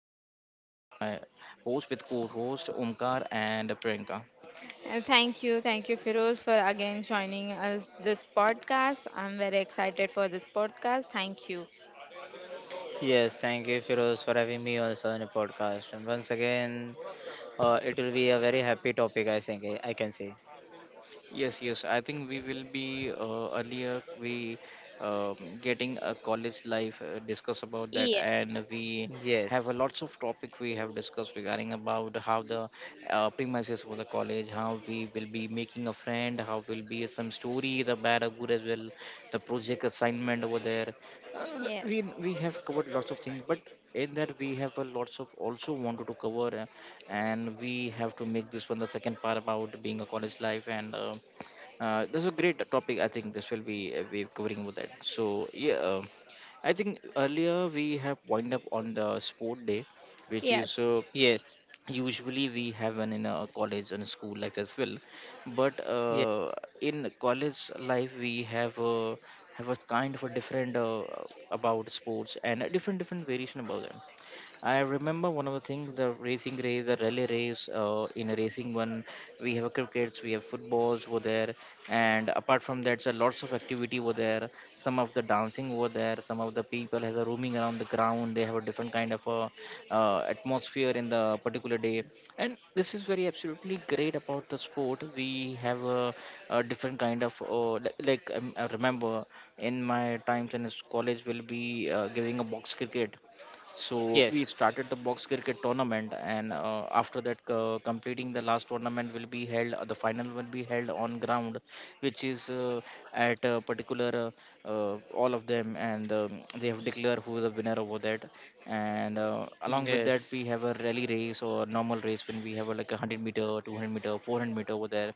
Firoz, my host with co-host Omkar and Priyanka. Thank you, Firul, for again joining us this podcast. I'm very excited for this podcast. Thank you. Yes, thank you, Firoz, for having me also on the podcast. And once again, it will be a very happy topic, I think. I can say. Yes, yes. I think we will be earlier we getting a college life, discuss about that, Yeah. and we have a Yes, lots of topic we have discussed regarding about how the premises for the college, how we will be making a friend, how will be some story, the bad or good as well, the project yes, assignment over there. We Yes, we have covered lots of things, but in that we have a lots of also wanted to cover, and we have to make this one the second part about being a college life and this is a great topic. I think this will be we covering with that. So yeah, I think earlier we have wind up on the sport day, which is yes. Yes, usually we have an in a college and school life as well. But yes, in college life we have a kind of a different, about sports and a different different variation about them. I remember one of the things the racing race, the rally race. In a racing one, we have crickets, we have footballs over there, and apart from that, so lots of activity over there. Some of the dancing over there. Some of the people has a roaming around the ground. They have a different kind of a atmosphere in the particular day, and this is very absolutely great about the sport. We have a different kind of I remember in my times in college, we'll be giving a box cricket, so we yes, yes, started the box cricket tournament, and after that, completing the last tournament will be held, the final will be held on ground, which is at a particular all of them, and they have declared who is the winner over that, and along with that yes, we have a rally race or normal race when we have a, like a 100 meter 200 meter 400-meter over there,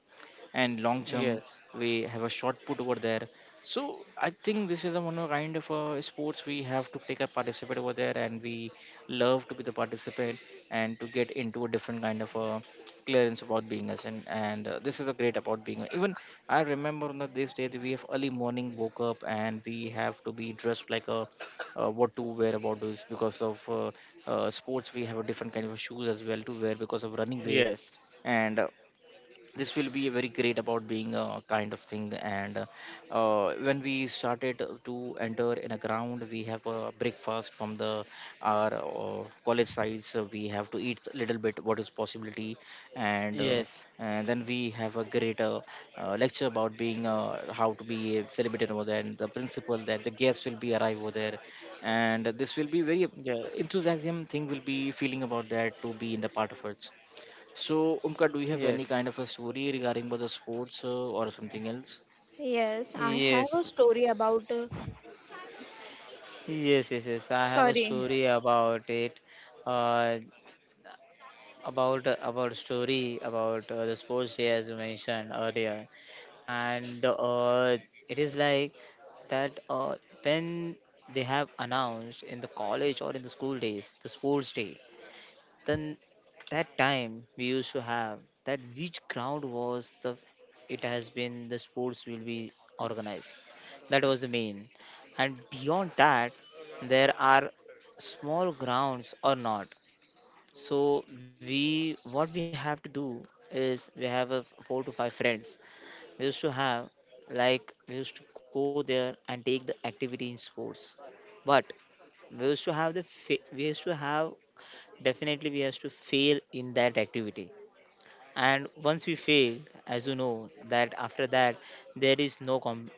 and long jump yes, we have a short put over there. So I think this is a one of kind of a sports we have to take a participate over there, and we love to be the participant and to get into a different kind of a clearance about being us. And this is a great about being. Even I remember on the this day that we have early morning woke up and we have to be dressed like a, what to wear about this because of sports we have a different kind of shoes as well to wear because of running way, yes, and this will be very great about being a kind of thing, and when we started to enter in a ground we have a breakfast from the our college sides, so we have to eat little bit what is possibility. yes, And yes, and then we have a great lecture about being how to be celebrated over there and the principle that the guests will be arrive over there, and this will be very yes, enthusiasm thing will be feeling about that to be in the part of it. So, Umka, do you have any kind of a story regarding about the sports, or something else? Yes, I have a yes, story about. Yes, yes. I have a Sorry. story about it. Uh, about about story about the sports day as you mentioned earlier, and it is like that when they have announced in the college or in the school days the sports day, then that time we used to have that which ground was the, it has been the sports will be organized. That was the main, and beyond that there are small grounds or not. So we, what we have to do is we have a four to five friends we used to have. Like we used to go there and take the activity in sports, but we used to have we used to have, definitely we used to fail in that activity. And once we fail, as you know, that after that there is no com-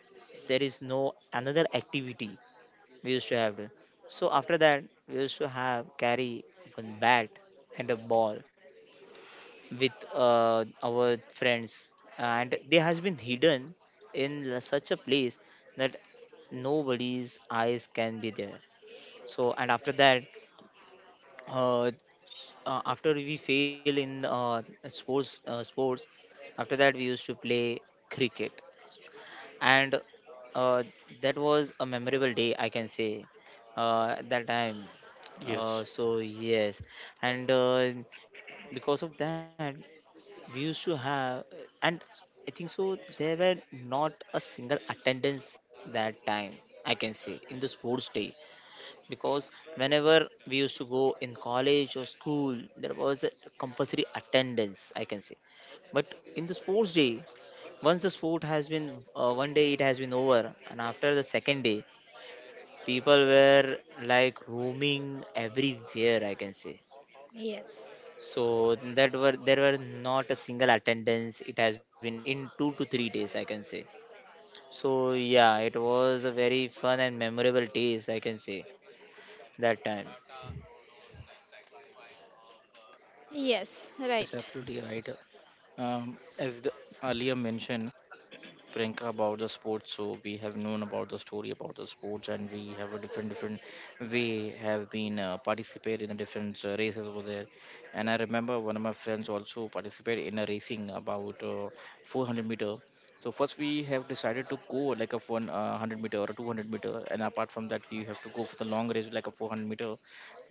there is no another activity we used to have to. So after that we used to have carry one bat and a ball with our friends, and they has been hidden in such a place that nobody's eyes can be there. So and after that, uh, after we fail in sports, after that we used to play cricket. And uh, that was a memorable day, I can say, at that time. Yes. So yes, and because of that we used to have, and I think so there were not a single attendance that time, I can say, in the sports day. Because whenever we used to go in college or school there was a compulsory attendance, I can say, but in the sports day, once the sport has been, one day it has been over, and after the second day people were like roaming everywhere, I can say. Yes. So that were, there were not a single attendance. It has been done in 2 to 3 days, I can say. So yeah, it was a very fun and memorable days, I can say, that time. Yes, Yes, right. absolutely right. As the earlier mentioned, Priyanka about the sports. So we have known about the story about the sports, and we have a different different way have been participate in the different races over there. And I remember one of my friends also participated in a racing about, 400 meter. So first we have decided to go like a 100 meter or a 200 meter, and apart from that we have to go for the long race like a 400 meter.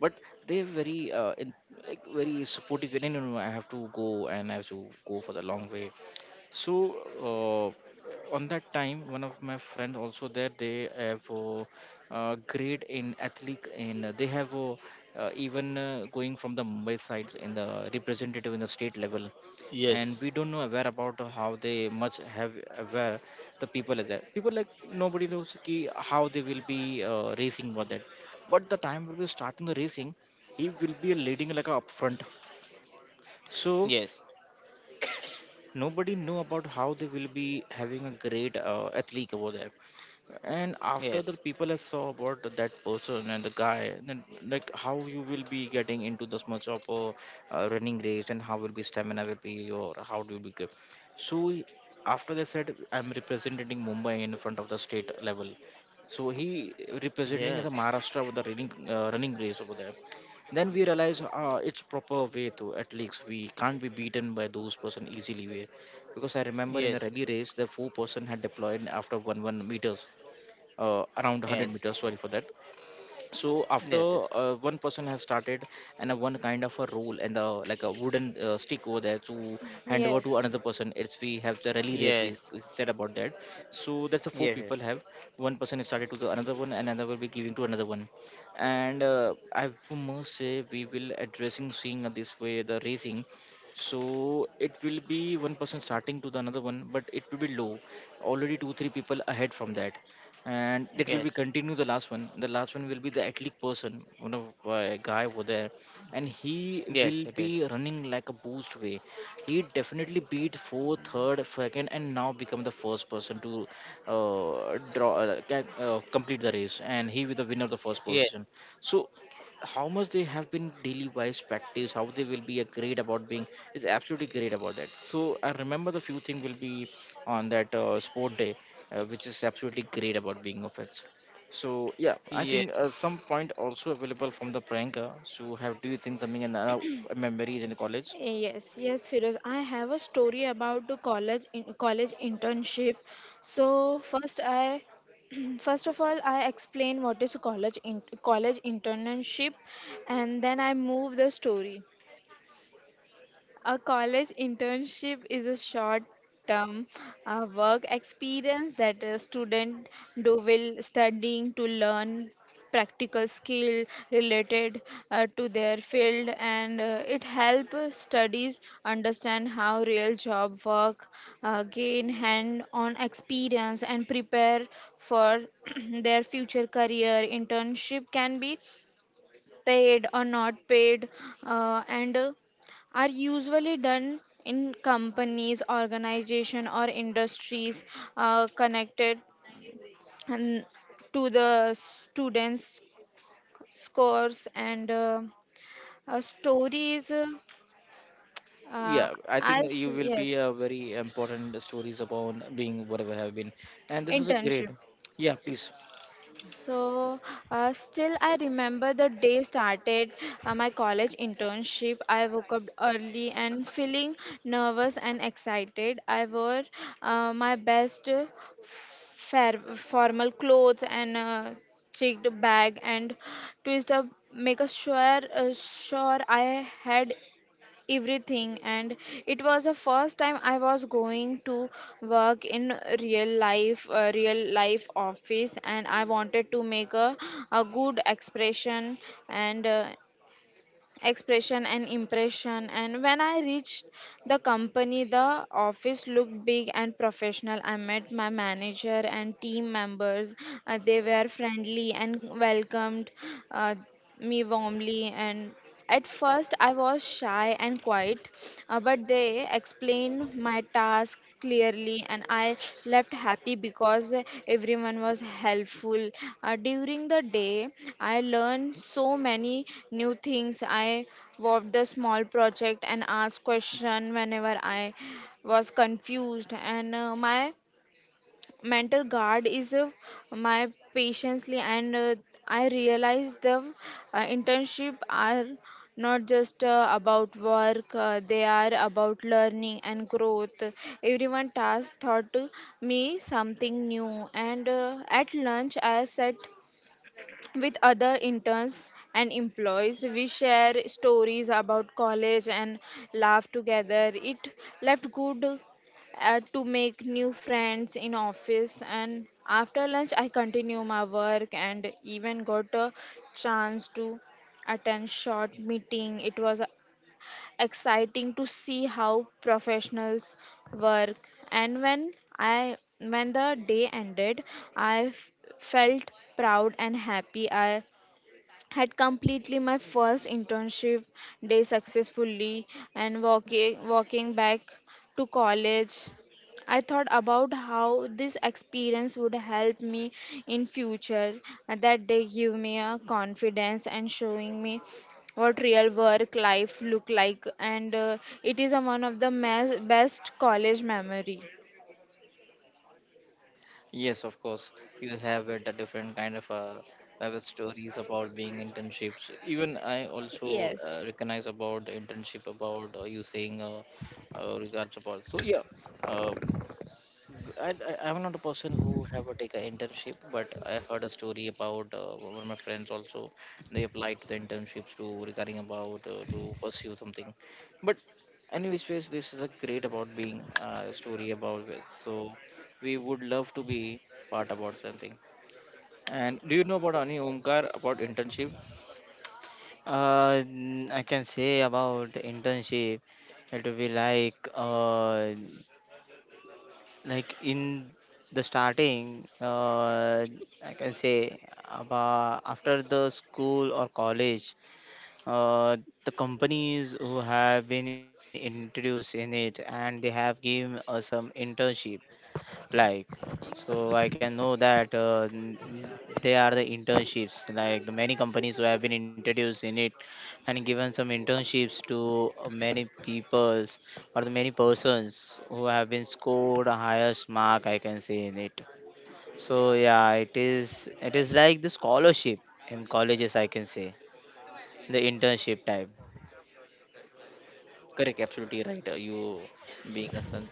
But they're very like very supportive. No, no, no, I have to go and I have to go for the long way. So on that time, one of my friend also there. They have a, grade in athlete, and they have a, even going from the Mumbai side in the representative in the state level. And Yes, we don't know aware about how they much have aware the people are there. People like nobody knows ki how they will be racing for that. But the time will be starting the racing, he will be leading like a upfront. So yes, nobody knew about how they will be having a great athlete over there, and after the yes, people have saw about that person and the guy, then like how you will be getting into this much of a running race, and how will be stamina will be, or how do you become. so he- After they said I'm representing Mumbai in front of the state level, so he representing the yes, Maharashtra with the running running race over there. Then we realize it's proper way to at least we can't be beaten by those person easily way, because I remember in the yes, rally race the four-person had deployed after 1 1 meters, around 100 yes, meters, sorry for that. So yes, after yes, yes, one person has started, and a one kind of a role, and the like a wooden stick over there to hand over to Yes. another person, it's we have the rally race we said about that. So that's the four people yes, have one person is started to the another one, and another will be giving to another one, and I must say we will addressing seeing this way the racing. So it will be one person starting to the another one, but it will be low already 2 3 people ahead from that, and yes, that will be yes, continue. The last one will be the athletic person, one of guy over there, and he will yes, it be is. running like a boost way. He definitely beat fourth, third, second, and now become the first person to complete the race, and he with the winner of the first Yes, position. So how much they have been daily wise practice, how they will be a great about being, it's absolutely great about that. So I remember the few thing will be on that sport day, which is absolutely great about being of it. So yeah, I yes. think some point also available from the Pranker. So have do you think something in, memories in the college? Yes, yes, Firoz, I have a story about the college in college internship. So first, I first of all I explain what is college in college internship, and then I move the story. A college internship is a short term work experience that a student do while studying to learn practical skill related to their field, and it help studies understand how real job work, gain hand on experience and prepare for their future career. Internship can be paid or not paid, and are usually done in companies, organization, or industries connected and to the students' scores and stories. Uh, Yeah, I think as you will be yes, a very important stories about being whatever have been, and this was a internship. great, yeah, please. So, still, I remember the day started my college internship. I woke up early and feeling nervous and excited. I wore my best fair formal clothes and checked bag and twist up, make a sure I had everything, and it was the first time I was going to work in real life office, and I wanted to make a good expression and expression and impression and when I reached the company, the office looked big and professional. I met my manager and team members. They were friendly and welcomed uh, me warmly, and at first I was shy and quiet, but they explained my task clearly and I left happy because everyone was helpful. During the day, I learned so many new things. I worked the small project and asked question whenever I was confused, and my mental guard is my patiently, and I realize the internship are not just about work, they are about learning and growth. Everyone task taught me something new, and at lunch I sat with other interns and employees. We share stories about college and laugh together. It left good to make new friends in office. And after lunch I continue my work and even got a chance to attend short meeting. It was exciting to see how professionals work. And when the day ended I felt proud and happy. I had completely my first internship day successfully, and walking back to college I thought about how this experience would help me in future. And that day give me a confidence and showing me what real work life look like. And it is a one of the best college memory. Yes, of course. You have it, a different kind of web stories about being internships. Even I also Yes. recognize about the internship about you saying, regards about. So yeah, uh, I'm not a person who have a take an internship, but I heard a story about one of my friends also. They applied to the internships to regarding about to pursue something, but anyways, ways, this is a great about being story about it. So we would love to be part about something. And do you know about any Omkar about internship? I can say about the internship, it will be like in the starting, I can say, about after the school or college, uh, the companies who have been introduced in it and they have given us some internship. Like, so I can know that they are the internships, like the many companies who have been introduced in it and given some internships to many peoples, or the many persons who have been scored a highest mark, I can say, in it. So yeah, it is, it is like the scholarship in colleges, I can say, the internship type. Correct, absolutely right. You being a son,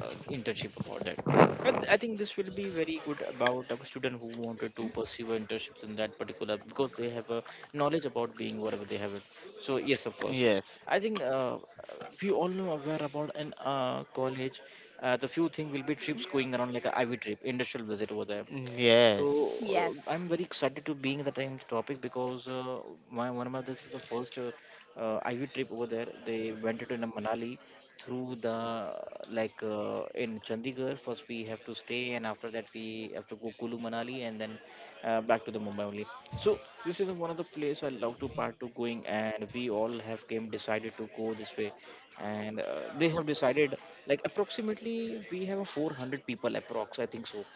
internship about that. I think this will be very good about a student who wanted to pursue internships in that particular because they have a knowledge about being whatever they have it. So yes, of course. Yes, I think we all know aware about in college. The few thing will be trips going around like a Ivy trip, industrial visit over there. So yes, Yes. I'm very excited to being in the time topic because my one of my this is the first IV trip over there. They went to Manali through the like in Chandigarh. First we have to stay, and after that we have to go Kulu Manali, and then back to the Mumbai only. So this is one of the place I love to part to going, and we all have came decided to go this way, and they have decided like approximately we have 400 people approx, I think so.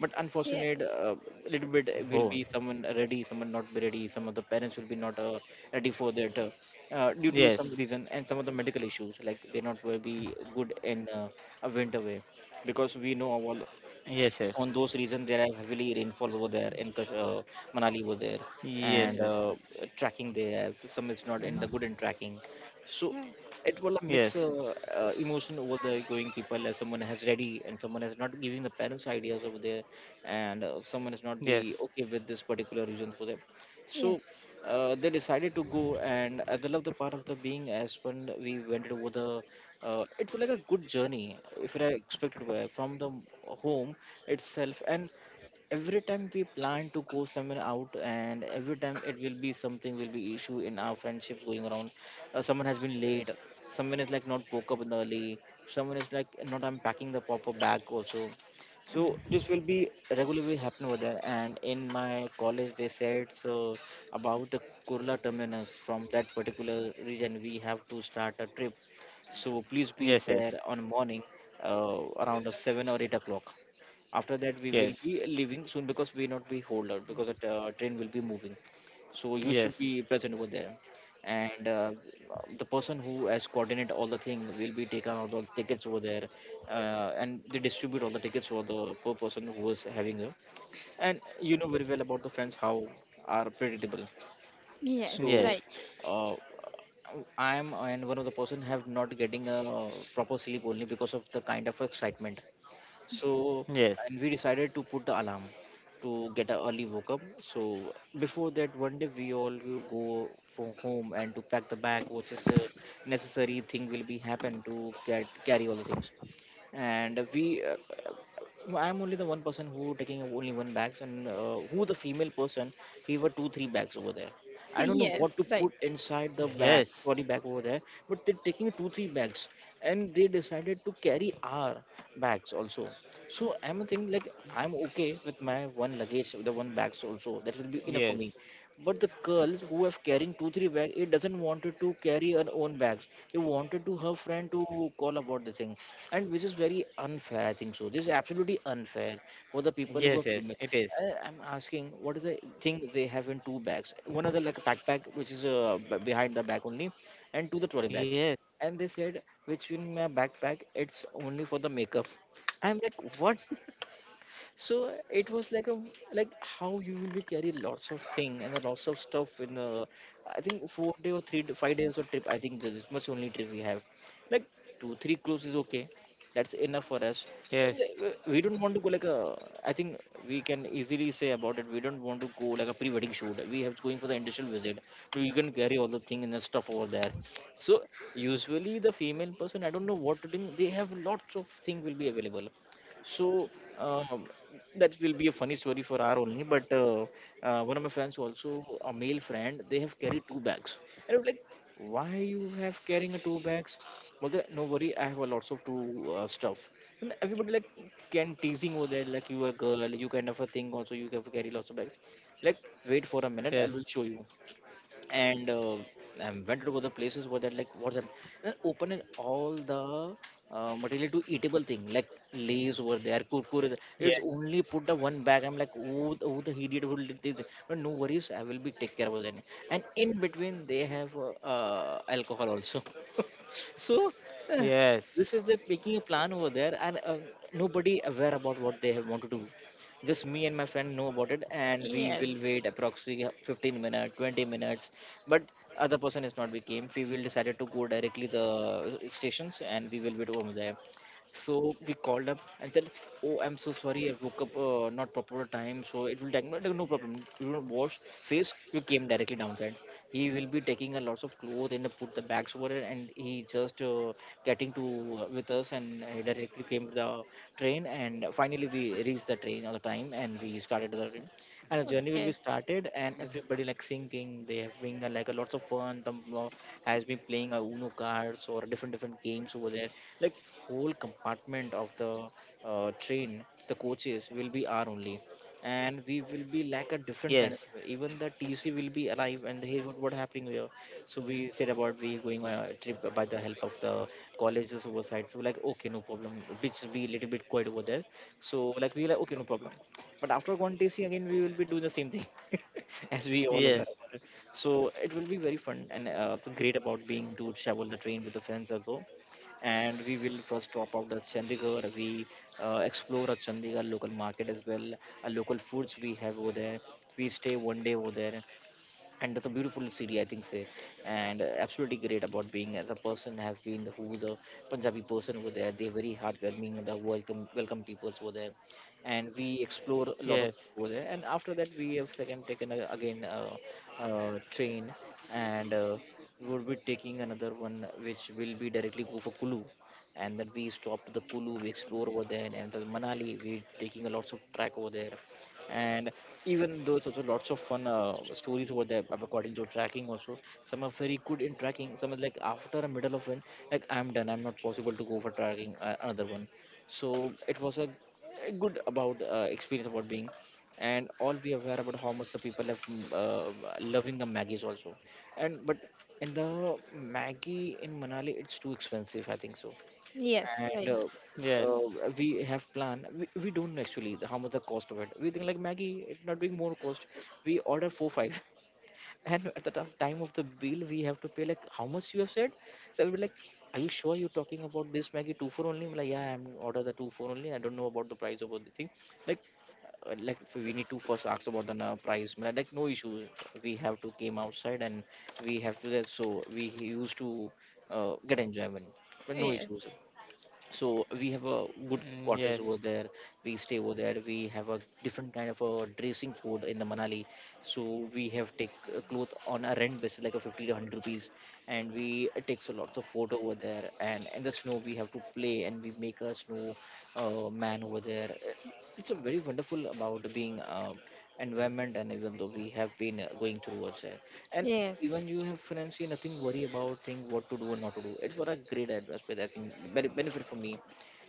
But unfortunate, Yes. Oh, little bit will be someone ready, someone not be ready. Some of the parents will be not ready for that, yes, due to some reason and some of the medical issues, like they're not will be good in a winter way, because we know all yes, yes, on those reasons there are heavily rainfalls over there in Manali over there. yes, And tracking, they have some is yes. not in the good in tracking. So Right. it will Yes, mix emotion over the going people, as someone has ready and someone is not giving the parents ideas over there, and someone is not yes, be okay with this particular reason for them. So Yes. They decided to go, and they love the part of the being. As when we went over the it was like a good journey, if it I expected were from the home itself. And every time we plan to go somewhere out, and every time it will be something will be issue in our friendships going around. Someone has been late, someone is like not woke up early, someone is like not unpacking the proper bag also. So this will be regularly happen over there. And in my college, they said so about the Kurla terminus. From that particular region, we have to start a trip, so please be there yes, on morning, around 7 or 8 o'clock. After that, we will be yes, leaving soon because we not be hold out, because the train will be moving. So you should yes, be present over there. And the person who has coordinate all the thing will be taken out all the tickets over there, and they distribute all the tickets for the per person who is having a. And you know very well about the friends how are predictable. Yes, So right. yes, uh, I'm and one of the person have not getting a proper sleep only because of the kind of excitement. So yes, yes, and we decided to put the alarm to get a early woke up. So before that, one day we all will go for home and to pack the bag, which is a necessary thing will be happen to get carry all the things. And we I'm only the one person who taking only one bags, and who the female person he were two three bags over there. I don't know Yes, what to right. put inside the bag, trolley bag over there. But they're taking two three bags, and they decided to carry our bags also. So I'm thinking like I'm okay with my one luggage, the one bags also that will be enough for me. yes, yes, But the girls who have carrying two three bags, it doesn't wanted to carry her own bags. They wanted to her friend to call about the thing, and which is very unfair, I think so. This is absolutely unfair for the people who are yes, female. yes, it is. I'm asking, what is the thing they have in two bags? One of the like backpack which is behind the back only, and to the trolley bag. Yes, And they said which in my backpack it's only for the makeup. I'm like, what? So it was like a, like how you will be carry lots of thing and a lots of stuff in the, I think, four day or three to five days of trip. I think that this much only trip we have, like two three clothes is okay, that's enough for us. And yes, we don't want to go like a, I think we can easily say about it, we don't want to go like a pre-wedding shoot. We have going for the industrial visit, so you can carry all the thing and the stuff over there. So usually the female person, I don't know what to do, they have lots of thing will be available. So um, that will be a funny story for our only. But one of my friends, also a male friend, they have carried two bags, and I'm like, why you have carrying a two bags? Well, they- no worry, I have a lots of two stuff. And everybody like can teasing over there, like you a girl, you kind of a thing. Also, you have to carry lots of bags. Like, wait for a minute, I yes, will show you. And I went to the places where that like what's up, and opening all the material to eatable thing, like lays were there, kurkure. yes, It's only put the one bag. I'm like, who the idiot will did this? But no worries, I will be take care of it. And in between, they have alcohol also. So yes, uh, this yes, is the making a plan over there. And nobody aware about what they have want to do. Just me and my friend know about it, and we will wait approximately 15 minutes, 20 minutes. But other person is not, we came, we will decided to go directly the stations and we will be over there. So we called up and said, "Oh, I'm so sorry, I woke up not proper time, so it will take, no, no problem. You don't wash face. You came directly downside." He will be taking a lots of clothes and put the bags over it, and he just getting to with us, and he directly came to the train. And finally, we reached the train on the time, and we started the train, and the Well. journey will be Okay. started, and everybody like singing. They have been like a lots of fun. The has been playing Uno cards or different different games over there, like whole compartment of the train, the coaches will be our only. And we will be like a different kind of, even the TC will be alive, and hey, what happening here? So we said about we going on a trip by the help of the colleges oversight. So like, okay, no problem, which be a little bit quiet over there. So like we like, okay, no problem. But after contesting again, we will be doing the same thing, as we all aware about yes, it. So it will be very fun and great about being to travel the train with the friends as well. And we will first drop out the Chandigarh. We explore a Chandigarh local market as well, local foods we have over there. We stay one day over there, and that's a beautiful city, I think, say. And absolutely great about being as a person has been who's a Punjabi person over there. They're very heartwarming, the welcome, welcome peoples over there, and we explore a lot of yes, over there. And after that, we have second taken a, again train. And we would be taking another one which will be directly go for Kulu. And then we stopped the Kulu, we explore over there, and the Manali, we taking a lots of track over there. And even though it's also lots of fun stories over there, according to tracking also, some are very good in tracking, some are like after a middle of one, like I'm done, I'm not possible to go for tracking another one. So it was a good about experience about being. And all we are aware about how much the people have loving the maggies also. And but in the maggie in Manali, it's too expensive, I think so. Yes, And right. Yes, we have plan. We don't actually the, how much the cost of it, we think like maggie it's not being more cost. We order four five, and at the time of the bill, we have to pay like how much you have said. So I will be like, are you sure you're talking about this maggie two for only? I'm like, yeah, I'm order the two four only. I am like, yeah, I am order the 2 four only. I do not know about the price of all the thing, like like if we need to first ask about the price. But like, "Like, no issue, we have to came outside and we have to that." So we used to get enjoyment, but no issues. Yes. So we have a good yes, cottage over there. We stay over there. We have a different kind of a dressing code in the Manali, so we have take a cloth on a rent basis like a 50 to 100 rupees. And we takes a lot of photo over there, and in the snow we have to play, and we make a snow man over there. It's a very wonderful about being environment, and even though we have been going towards it. And yes. even you have friends, you nothing worry about think what to do and not to do. It's for a great atmosphere, I think, very benefit for me.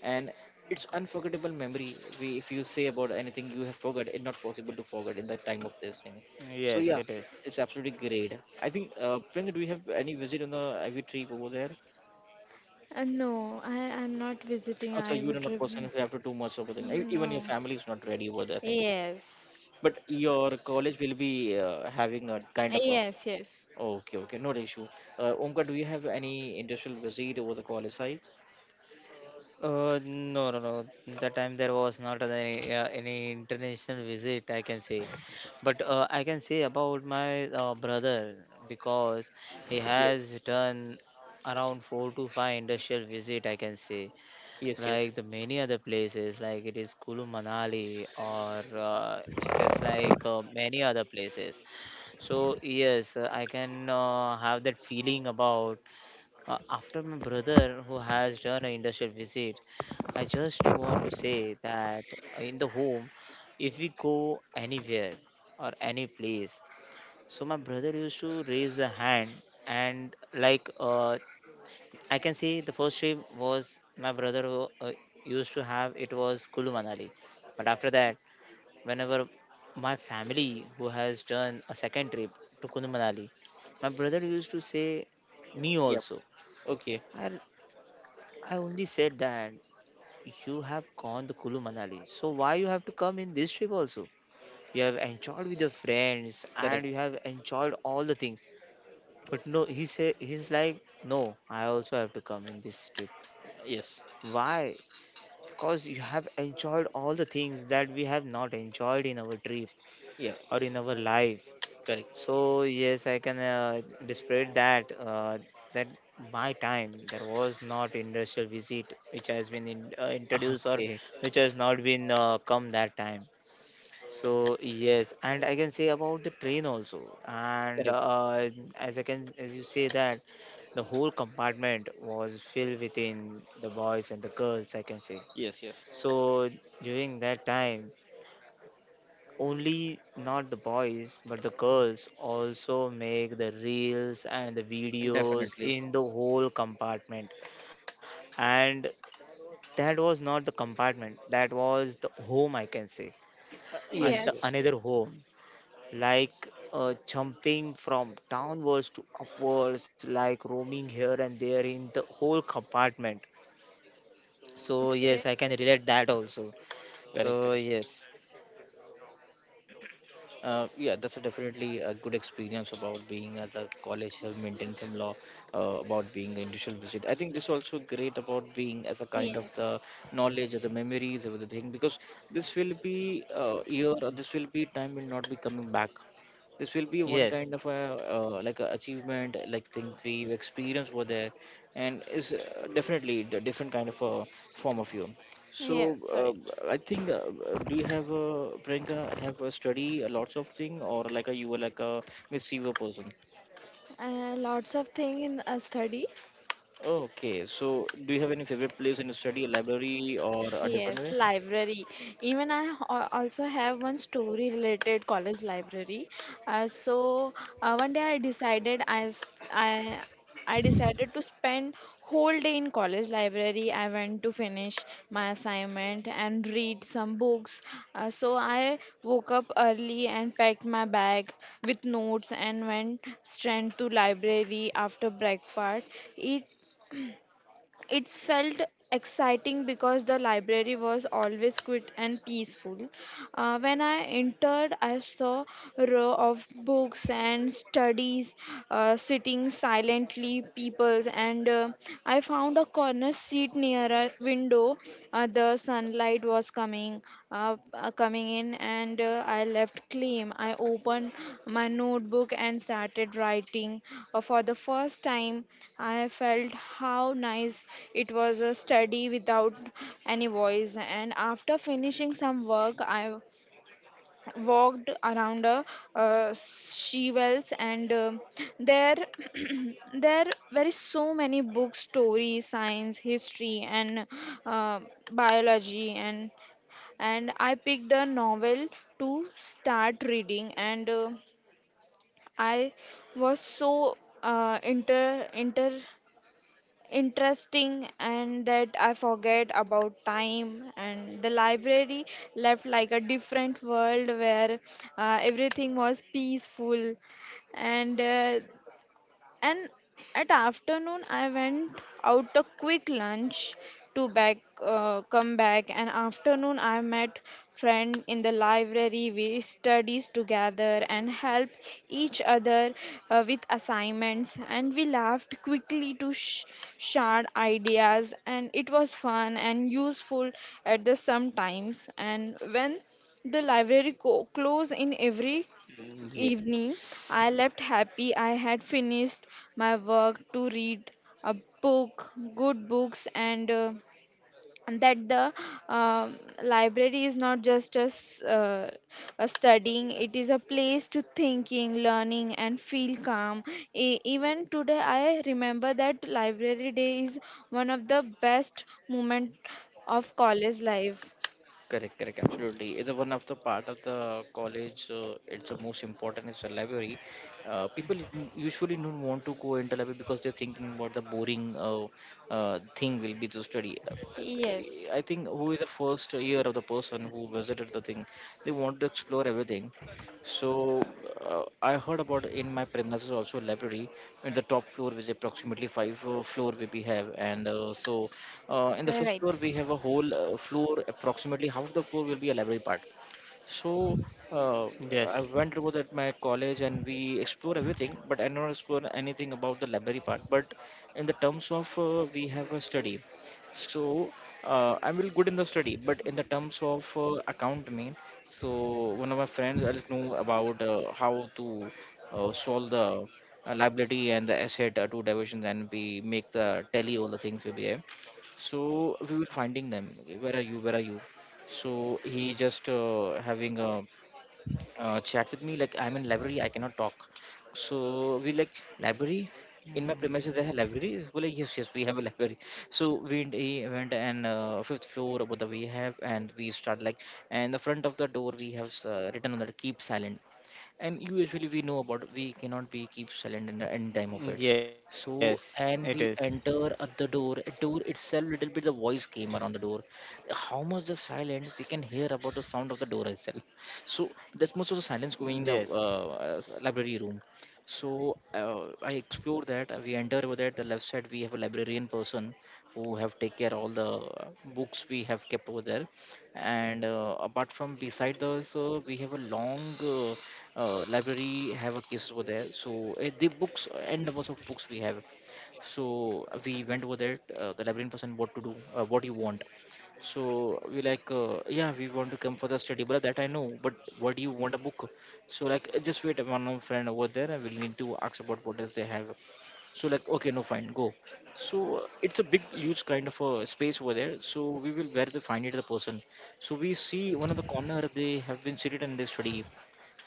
And it's unforgettable memory, we if you say about anything you have forgot, it's not possible to forget in the time of this thing. So yeah, yes, it is. it's absolutely great, I think. Priyanka, do you have any visit on the ivy trip over there? No, I I'm not visiting, so Also I you are would not rev person if you have to do Much of a thing, e- even your no. family is not ready over there things. Yes, But your college will be having a kind right? of a. Yes, yes, Okay, okay, not an issue. Omkar, do you have any industrial visit over the college sites? No, no, no. That time there was not any international visit, I can say. But I can say about my brother, because he Yes, has done around four to five industrial visit, I can say. yes, yes. Like the many other places, like it is Kulu Manali, or it is like many other places. So yes, I can have that feeling about, after my brother who has done an industrial visit, I just want to say that, in the home, if we go anywhere or any place, so my brother used to raise the hand and like, I can say the first trip was my brother who, used to have, it was Kulu Manali. But after that, whenever my family who has done a second trip to Kulu Manali, my brother used to say me Yeah. also. Okay, I I only said that you have gone to Kulu Manali. So why you have to come in this trip also? You have enjoyed with your friends and you correct. have enjoyed all the things. But no, he said, he's like, no, I also have to come in this trip. Yes. Why? Because you have enjoyed all the things that we have not enjoyed in our trip Yeah, or in our life. correct. So yes, I can display that, that my time there was not industrial visit which has been introduced, or Okay, which has not been come that time. So yes, and I can say about the train also. And correct. As I can as you say that the whole compartment was filled within the boys and the girls, I can say. Yes, yes. So during that time, only not the boys, but the girls also make the reels and the videos Definitely. in the whole compartment. And that was not the compartment, that was the home, I can say, and the Yes, yes. another yes. home, like jumping from downwards to upwards, like roaming here and there in the whole compartment. So yes, Okay. I can relate that also. Correct, So correct. yes, Yeah, that's a definitely a good experience about being at the college, have maintained some law about being an initial visit. I think this also great about So being yes. as a kind Okay. of Yes, the knowledge or the memories or the thing, because this will be year or this will be time will not be coming back. This will be one yes, kind of a like a achievement, like things we experience were there, and is definitely a different kind of a form of you. so So yes, right. I think do you have a Priyanka have a study a lots of thing or like a you were like a receiver person? Lots of thing in a study. Okay, so do you have any favorite place in a study, a library or a different Yes, way? library. Even I also have one story related college library. Uh, so One day I decided I I decided to spend whole day in college library. I went to finish my assignment and read some books. So I woke up early and packed my bag with notes and went straight to library after breakfast. It it felt exciting because the library was always quiet and peaceful. When I entered, I saw a row of books and studies sitting silently, people, and I found a corner seat near a window. The sunlight was coming in, and I left claim. I opened my notebook and started writing. For the first time, I felt how nice it was a study without any voice. And after finishing some work, I walked around a she wells, and there there were so many books stories science history and uh, biology, and I picked a novel to start reading. And I was so uh, inter inter interesting and that I forget about time, and the library left like a different world where everything was peaceful. And uh, and at afternoon, I went out a quick lunch to back, come back. And afternoon, I met friend in the library. We studies together and help each other with assignments. And we laughed quickly to share ideas. And it was fun and useful at the sometimes. And when the library close in every evening, I left happy. I had finished my work to read a book, good books, and that the uh, library is not just a, a studying, it is a place to thinking, learning, and feel calm. Even today, I remember that library day is one of the best moment of college life. Correct, correct, absolutely. It's a one of the part of the college. It's the most important is the library. People usually don't want to go into library because they're thinking about the boring thing will be to study. Yes. I think who is the first year of the person who visited the thing, they want to explore everything. So I heard about in my premises also library in the top floor, which approximately five floor we have, and so in the fifth floor, Right. we have a whole floor, approximately half of the floor will be a library part. So uh, yes, I went over at my college and we explore everything, but I don't explore anything about the library part. But in the terms of we have a study, so I'm really good in the study, but in the terms of account main, so one of my friends I know about how to solve the liability and the asset two divisions, and we make the tally all the things we behave. So we were finding them. Where are you? Where are you? So he just having a, chat with me like, I'm in library, I cannot talk. So we like, library, in my premises there's a yes. library. Well, like, yes, yes, we have a library. So we he went, and fifth floor about the we have, and we start like, and the front of the door we have written on that, keep silent. And usually we know about we cannot be keep silent in the end time of it. So Yes, it is. and we enter at the door itself, little bit the voice came around the door. How much the silence we can hear about the sound of the door itself. So that's much of the silence going in the Yes. Library room. So I explore that, we enter over there, the left side we have a librarian person who have take care all the books we have kept over there. And apart from beside those we have a long uh, library have a case over there, so the books and numbers of books we have. So we went over there, the librarian person, what to do, what you want. So we like, yeah, we want to come for the study. But that I know, but what do you want, a book? So like, just wait, one of friend over there and we'll need to ask about what does they have." So like, okay, no, fine, go. So it's a big huge kind of a space over there, so we will where to find it the person. So we see one of the corner, they have been seated and they study.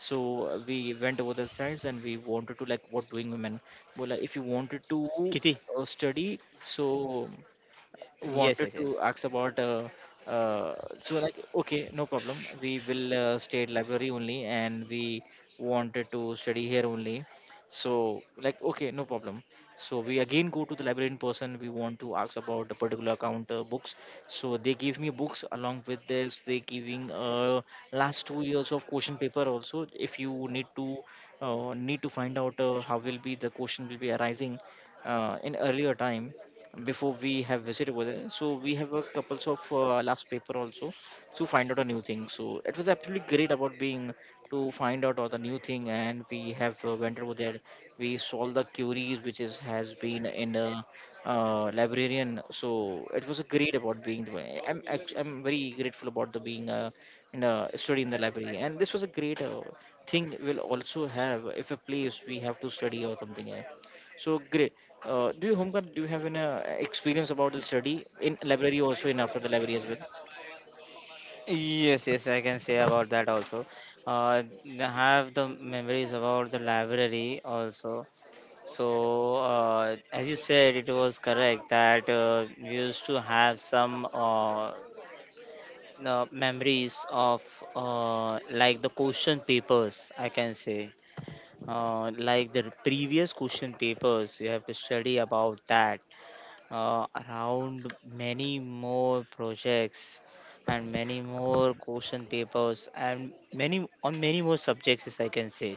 So we went over the sites and we wanted to like, what doing women. Well, like, if you wanted to Kitty. study. So Yes, wanted yes, to yes. ask about uh, so like, okay, no problem, we will stay at library only, and we wanted to study here only. So like, okay, no problem. So we again go to the library in person, we want to ask about the particular account books. So they give me books. Along with this, they giving last 2 years of question paper also, if you need to need to find out how will be the question will be arising in earlier time before we have visit over there. So we have a couple of last paper also to find out a new thing. So it was absolutely great about being to find out all the new thing, and we have went over there. We solved the queries which is has been in the librarian. So it was a great about being. I'm I'm very grateful about the being in a study in the library, and this was a great. Thing we'll also have if a place we have to study or something so great. Do you, Homkar, do you have any experience about the study in library also in after the library as well? Yes, yes, I can say about that also. Have the memories about the library also. So, as you said, it was correct that we used to have some memories of, like the question papers, I can say. Like the previous question papers, you have to study about that, around many more projects and many more question papers and many on many more subjects, as I can say.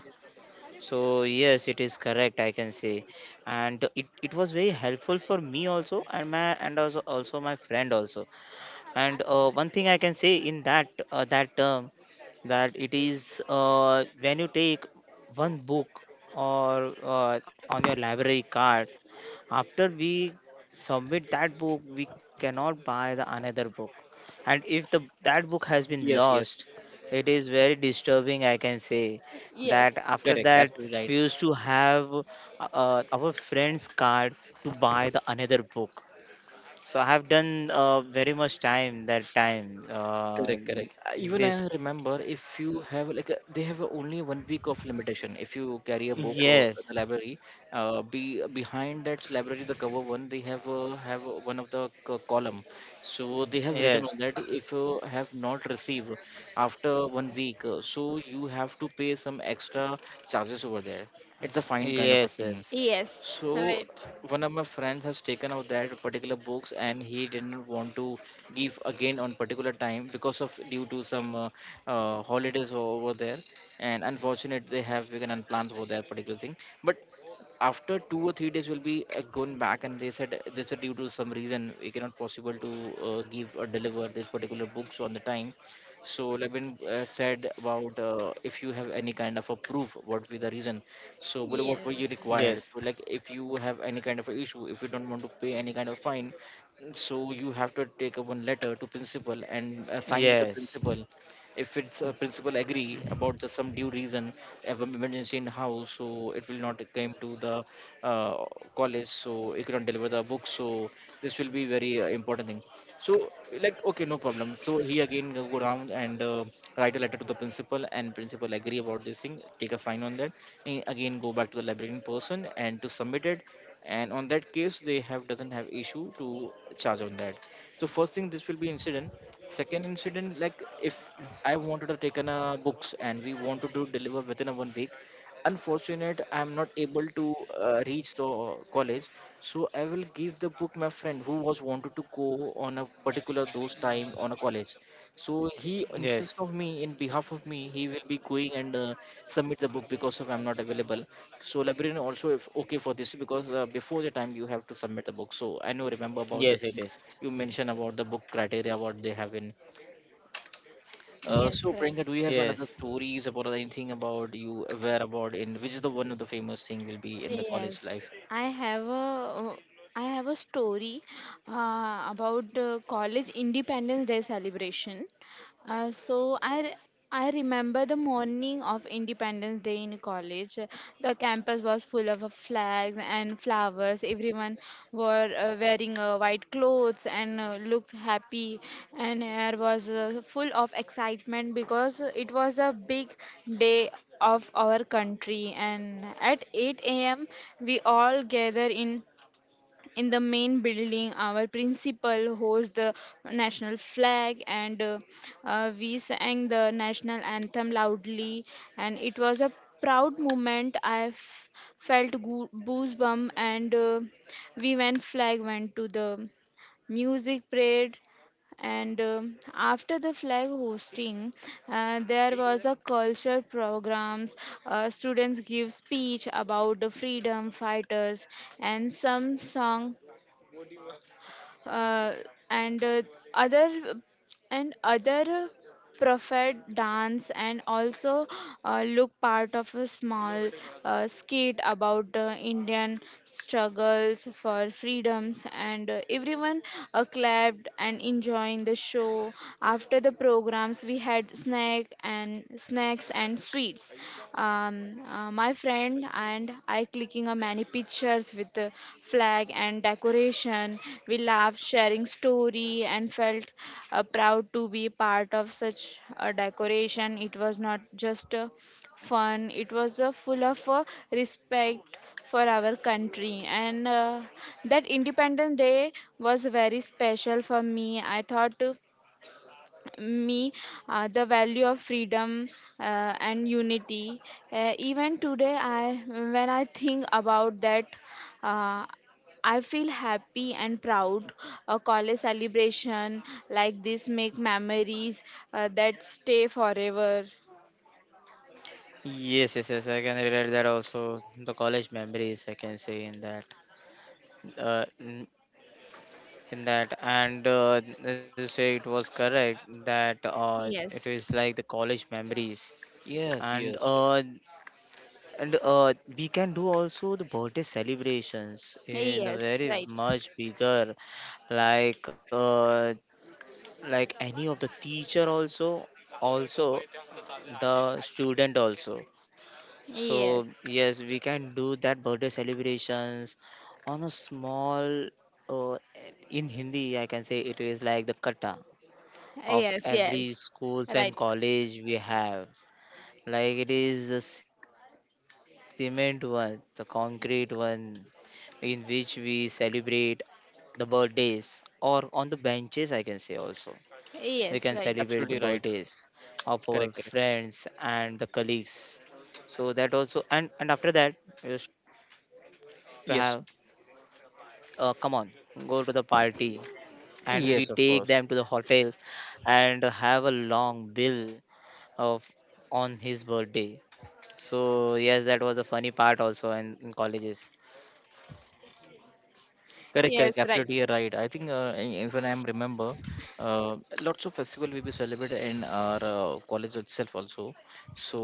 So yes, it is correct, I can say. And it was very helpful for me also, and my and also my friend also. And one thing I can say in that, that term, that it is, when you take one book, or on your library card, after we submit that book, we cannot buy the another book. And if the that book has been Yes, yes, lost, it is very disturbing, I can say, that Yes. after correct, that absolutely right. we used to have our friend's card to buy the another book. So I have done very much time that time. Correct, correct. Even This I remember, if you have like a, they have only 1 week of limitation. If you carry a book or Yes, the library, be behind that library the cover one they have one of the column. So they have written yes, on that, if you have not received after 1 week, so you have to pay some extra charges over there. It's a fine kind of a yes, thing. yes, Yes. So Right. one of my friends has taken out that particular books and he didn't want to give again on particular time because of due to some holidays over there, and unfortunately they have vegan and plans for that particular thing. But after 2 or 3 days we'll be going back, and they said this is due to some reason we cannot possible to give or deliver this particular books on the time. So levin said about if you have any kind of a proof what be the reason. So well, what Yes. were you yes, required. So like, if you have any kind of a issue, if you don't want to pay any kind of fine, so you have to take a one letter to principal and sign with the yes, principal. If it's a principal agree about the some due reason of an emergency in house, so it will not come to the uh, college, so it cannot deliver the book. So this will be very important thing. So like, okay, no problem. So he again go down and write a letter to the principal, and principal agree about this thing, take a sign on that. Eh, again go back to the library in person and to submit it. And on that case, they have doesn't have issue to charge on that. So first thing, this will be incident. Second incident, like, if I wanted to take in books and we wanted to deliver within a 1 week, unfortunate I am not able to reach the college, so I will give the book my friend who was wanted to go on a particular those time on a college. So he yes, insists of me, in behalf of me he will be going and submit the book because of I'm not available. So librarian also if okay for this because before the time you have to submit the book. So I know remember about the yes. It thing is. you mentioned about the book criteria what they have in. Yes, So right. Priyanka, do Yes. you have another stories about anything about you aware about in which is the one of the famous thing will be in the college Yes, life? I have a story about college Independence Day celebration. Uh, so I re- I remember the morning of Independence Day in college. The campus was full of flags and flowers. Everyone were wearing white clothes and looked happy. And air was full of excitement because it was a big day of our country. And at 8 a.m., we all gather in the main building. Our principal holds the national flag, and we sang the national anthem loudly. And it was a proud moment. I felt goosebump, and we went flag went to the music parade. And after the flag hosting, there was a cultural programs. Students give speech about the freedom fighters and some song, uh, and other other prophet dance, and also look part of a small skit about Indian struggles for freedoms. And everyone clapped and enjoying the show. After the programs we had snack and snacks and sweets. My friend and I clicking on many pictures with the flag and decoration. We laughed, sharing story, and felt proud to be part of such a decoration. It was not just fun; it was full of respect for our country. And that Independence Day was very special for me I thought. Me The value of freedom and unity. Even today, I when I think about that, uh, I feel happy and proud. A college celebration like this make memories that stay forever. Yes, yes, yes. I can relate that also. The college memories, I can say in that, uh, in in that. And as you say, it was correct that it is Yes, like the college memories. Yes, and yes, yes. uh, and uh, we can do also the birthday celebrations in a yes, very right. much bigger, like uh, like any of the teacher also the student also. So Yes, yes, we can do that birthday celebrations on a small. Uh, in Hindi, I can say it is like the kata of yes, yes, every schools and right. college we have. Like it is the cement one, the concrete one, in which we celebrate the birthdays, or on the benches, I can say. Also we can celebrate the Yes, right. birthdays Absolutely right. of our Correct, friends correct. and the colleagues. So that also. And after that, we used to have, Yes, come on, go to the party, and we take them to the yes, of course. hotels, and have a long bill of on his birthday. So yes, that was a funny part also in colleges. Correct, Yes, correct. right. Absolutely, you're right. I think if I am remember, lots of festival will be celebrated in our college itself also. So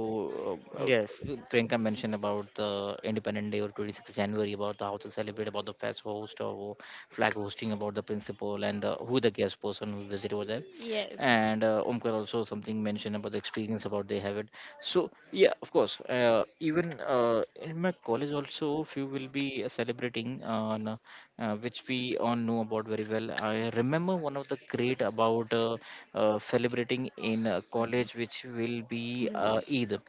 uh, uh, Yes, Priyanka mentioned about the Independent Day or 26th January about the how to celebrate about the fest host or flag hosting about the principal, and the, who the guest person who visit over there. Yes. And Omkar also something mentioned about the experience about they have it. So yeah, of course. Even in my college also, few will be celebrating on. Which we all know about very well. I remember one of the great about celebrating in college, which will be Eid.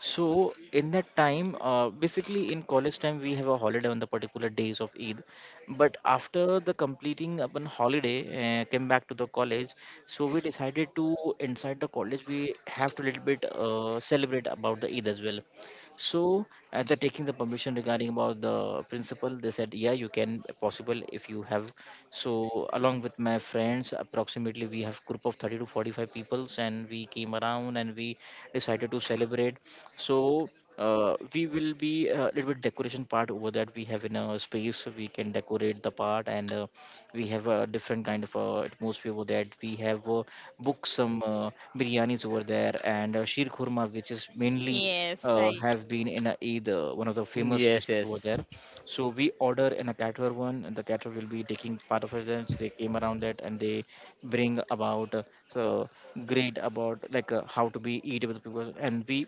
So in that time, basically in college time, we have a holiday on the particular days of Eid. But after the completing upon holiday, came back to the college. So we decided to inside the college, we have to little bit celebrate about the Eid as well. So after taking the permission regarding about the principal, they said, yeah, you can possible if you have. So along with my friends, approximately we have group of 30 to 45 peoples, and we came around and we decided to celebrate so we will be a little bit decoration part over that we have in a space we can decorate the part and we have a different kind of atmosphere over that we have booked some biryanis over there and sheer khurma which is mainly Yes, right. have been in a Eid, one of the famous yes, dishes yes, over there. So we order in a caterer one, and the caterer will be taking part of it. Then they came around that and they bring about so great about like how to be eat with people, and we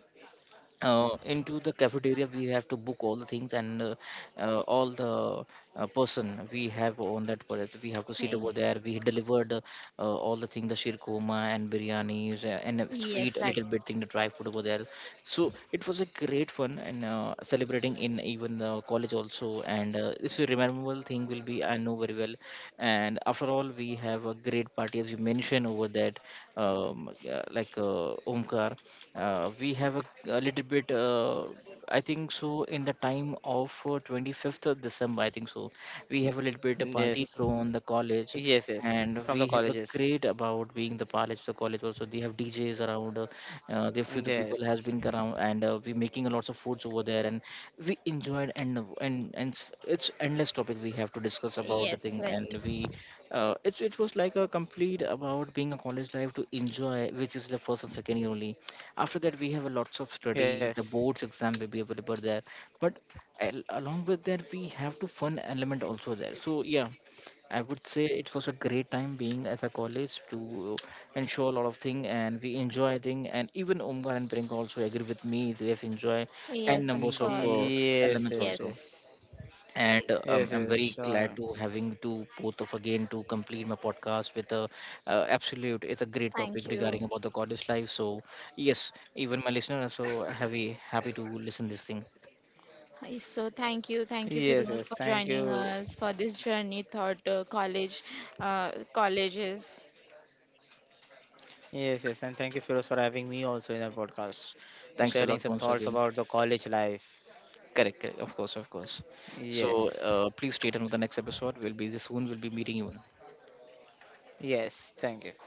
into the cafeteria we have to book all the things and all the person we have on that place we have to sit Eh. over there we delivered all the things, the shirkuma and biryanis and a sweet Yes, a right. little bit thing the dry food over there, so it was a great fun and celebrating in even the college also, and this is rememberable thing will be I know very well. And after all we have a great party as you mentioned over that. Yeah, like Omkar, we have a little bit I think so in the time of 25th of December, I think so we have a little bit a yes, party thrown the college. yes, yes, And from we the have a colleges. great about being the college, the college also they have djs around there few the people has been Yes, around, and we making a lots of foods over there, and we enjoyed and it's endless topic we have to discuss about the Yes, thing. right. And we it was like a complete about being a college life to enjoy, which is the first and second year only. After that we have a lots of study, yes. the boards exam will be available there, but along with that we have to fun element also there. So yeah, I would say it was a great time being as a college to ensure a lot of thing, and we enjoy thing, and even Omkar and Priyanka also agree with me they have enjoy and Yes, of numbers of course. Yes, elements yes, Yes. also. yes. And Yes, I'm yes, very sure. glad to having to both of again to complete my podcast with a absolute it's a great topic Thank regarding you. about the goddess life. So yes, even my listener are so happy to listen this thing. So Yes, thank you, yes. Firoz, Thank for you. joining us for this journey thought college, colleges. Yes, yes. And thank you, Firoz, for having me also in the podcast, for Thanks a sharing lot some once thoughts again. about the college life. Correct, correct, of course, of course. So Yes, please stay tuned with the next episode. We'll be soon. We'll be meeting you. yes. Thank you.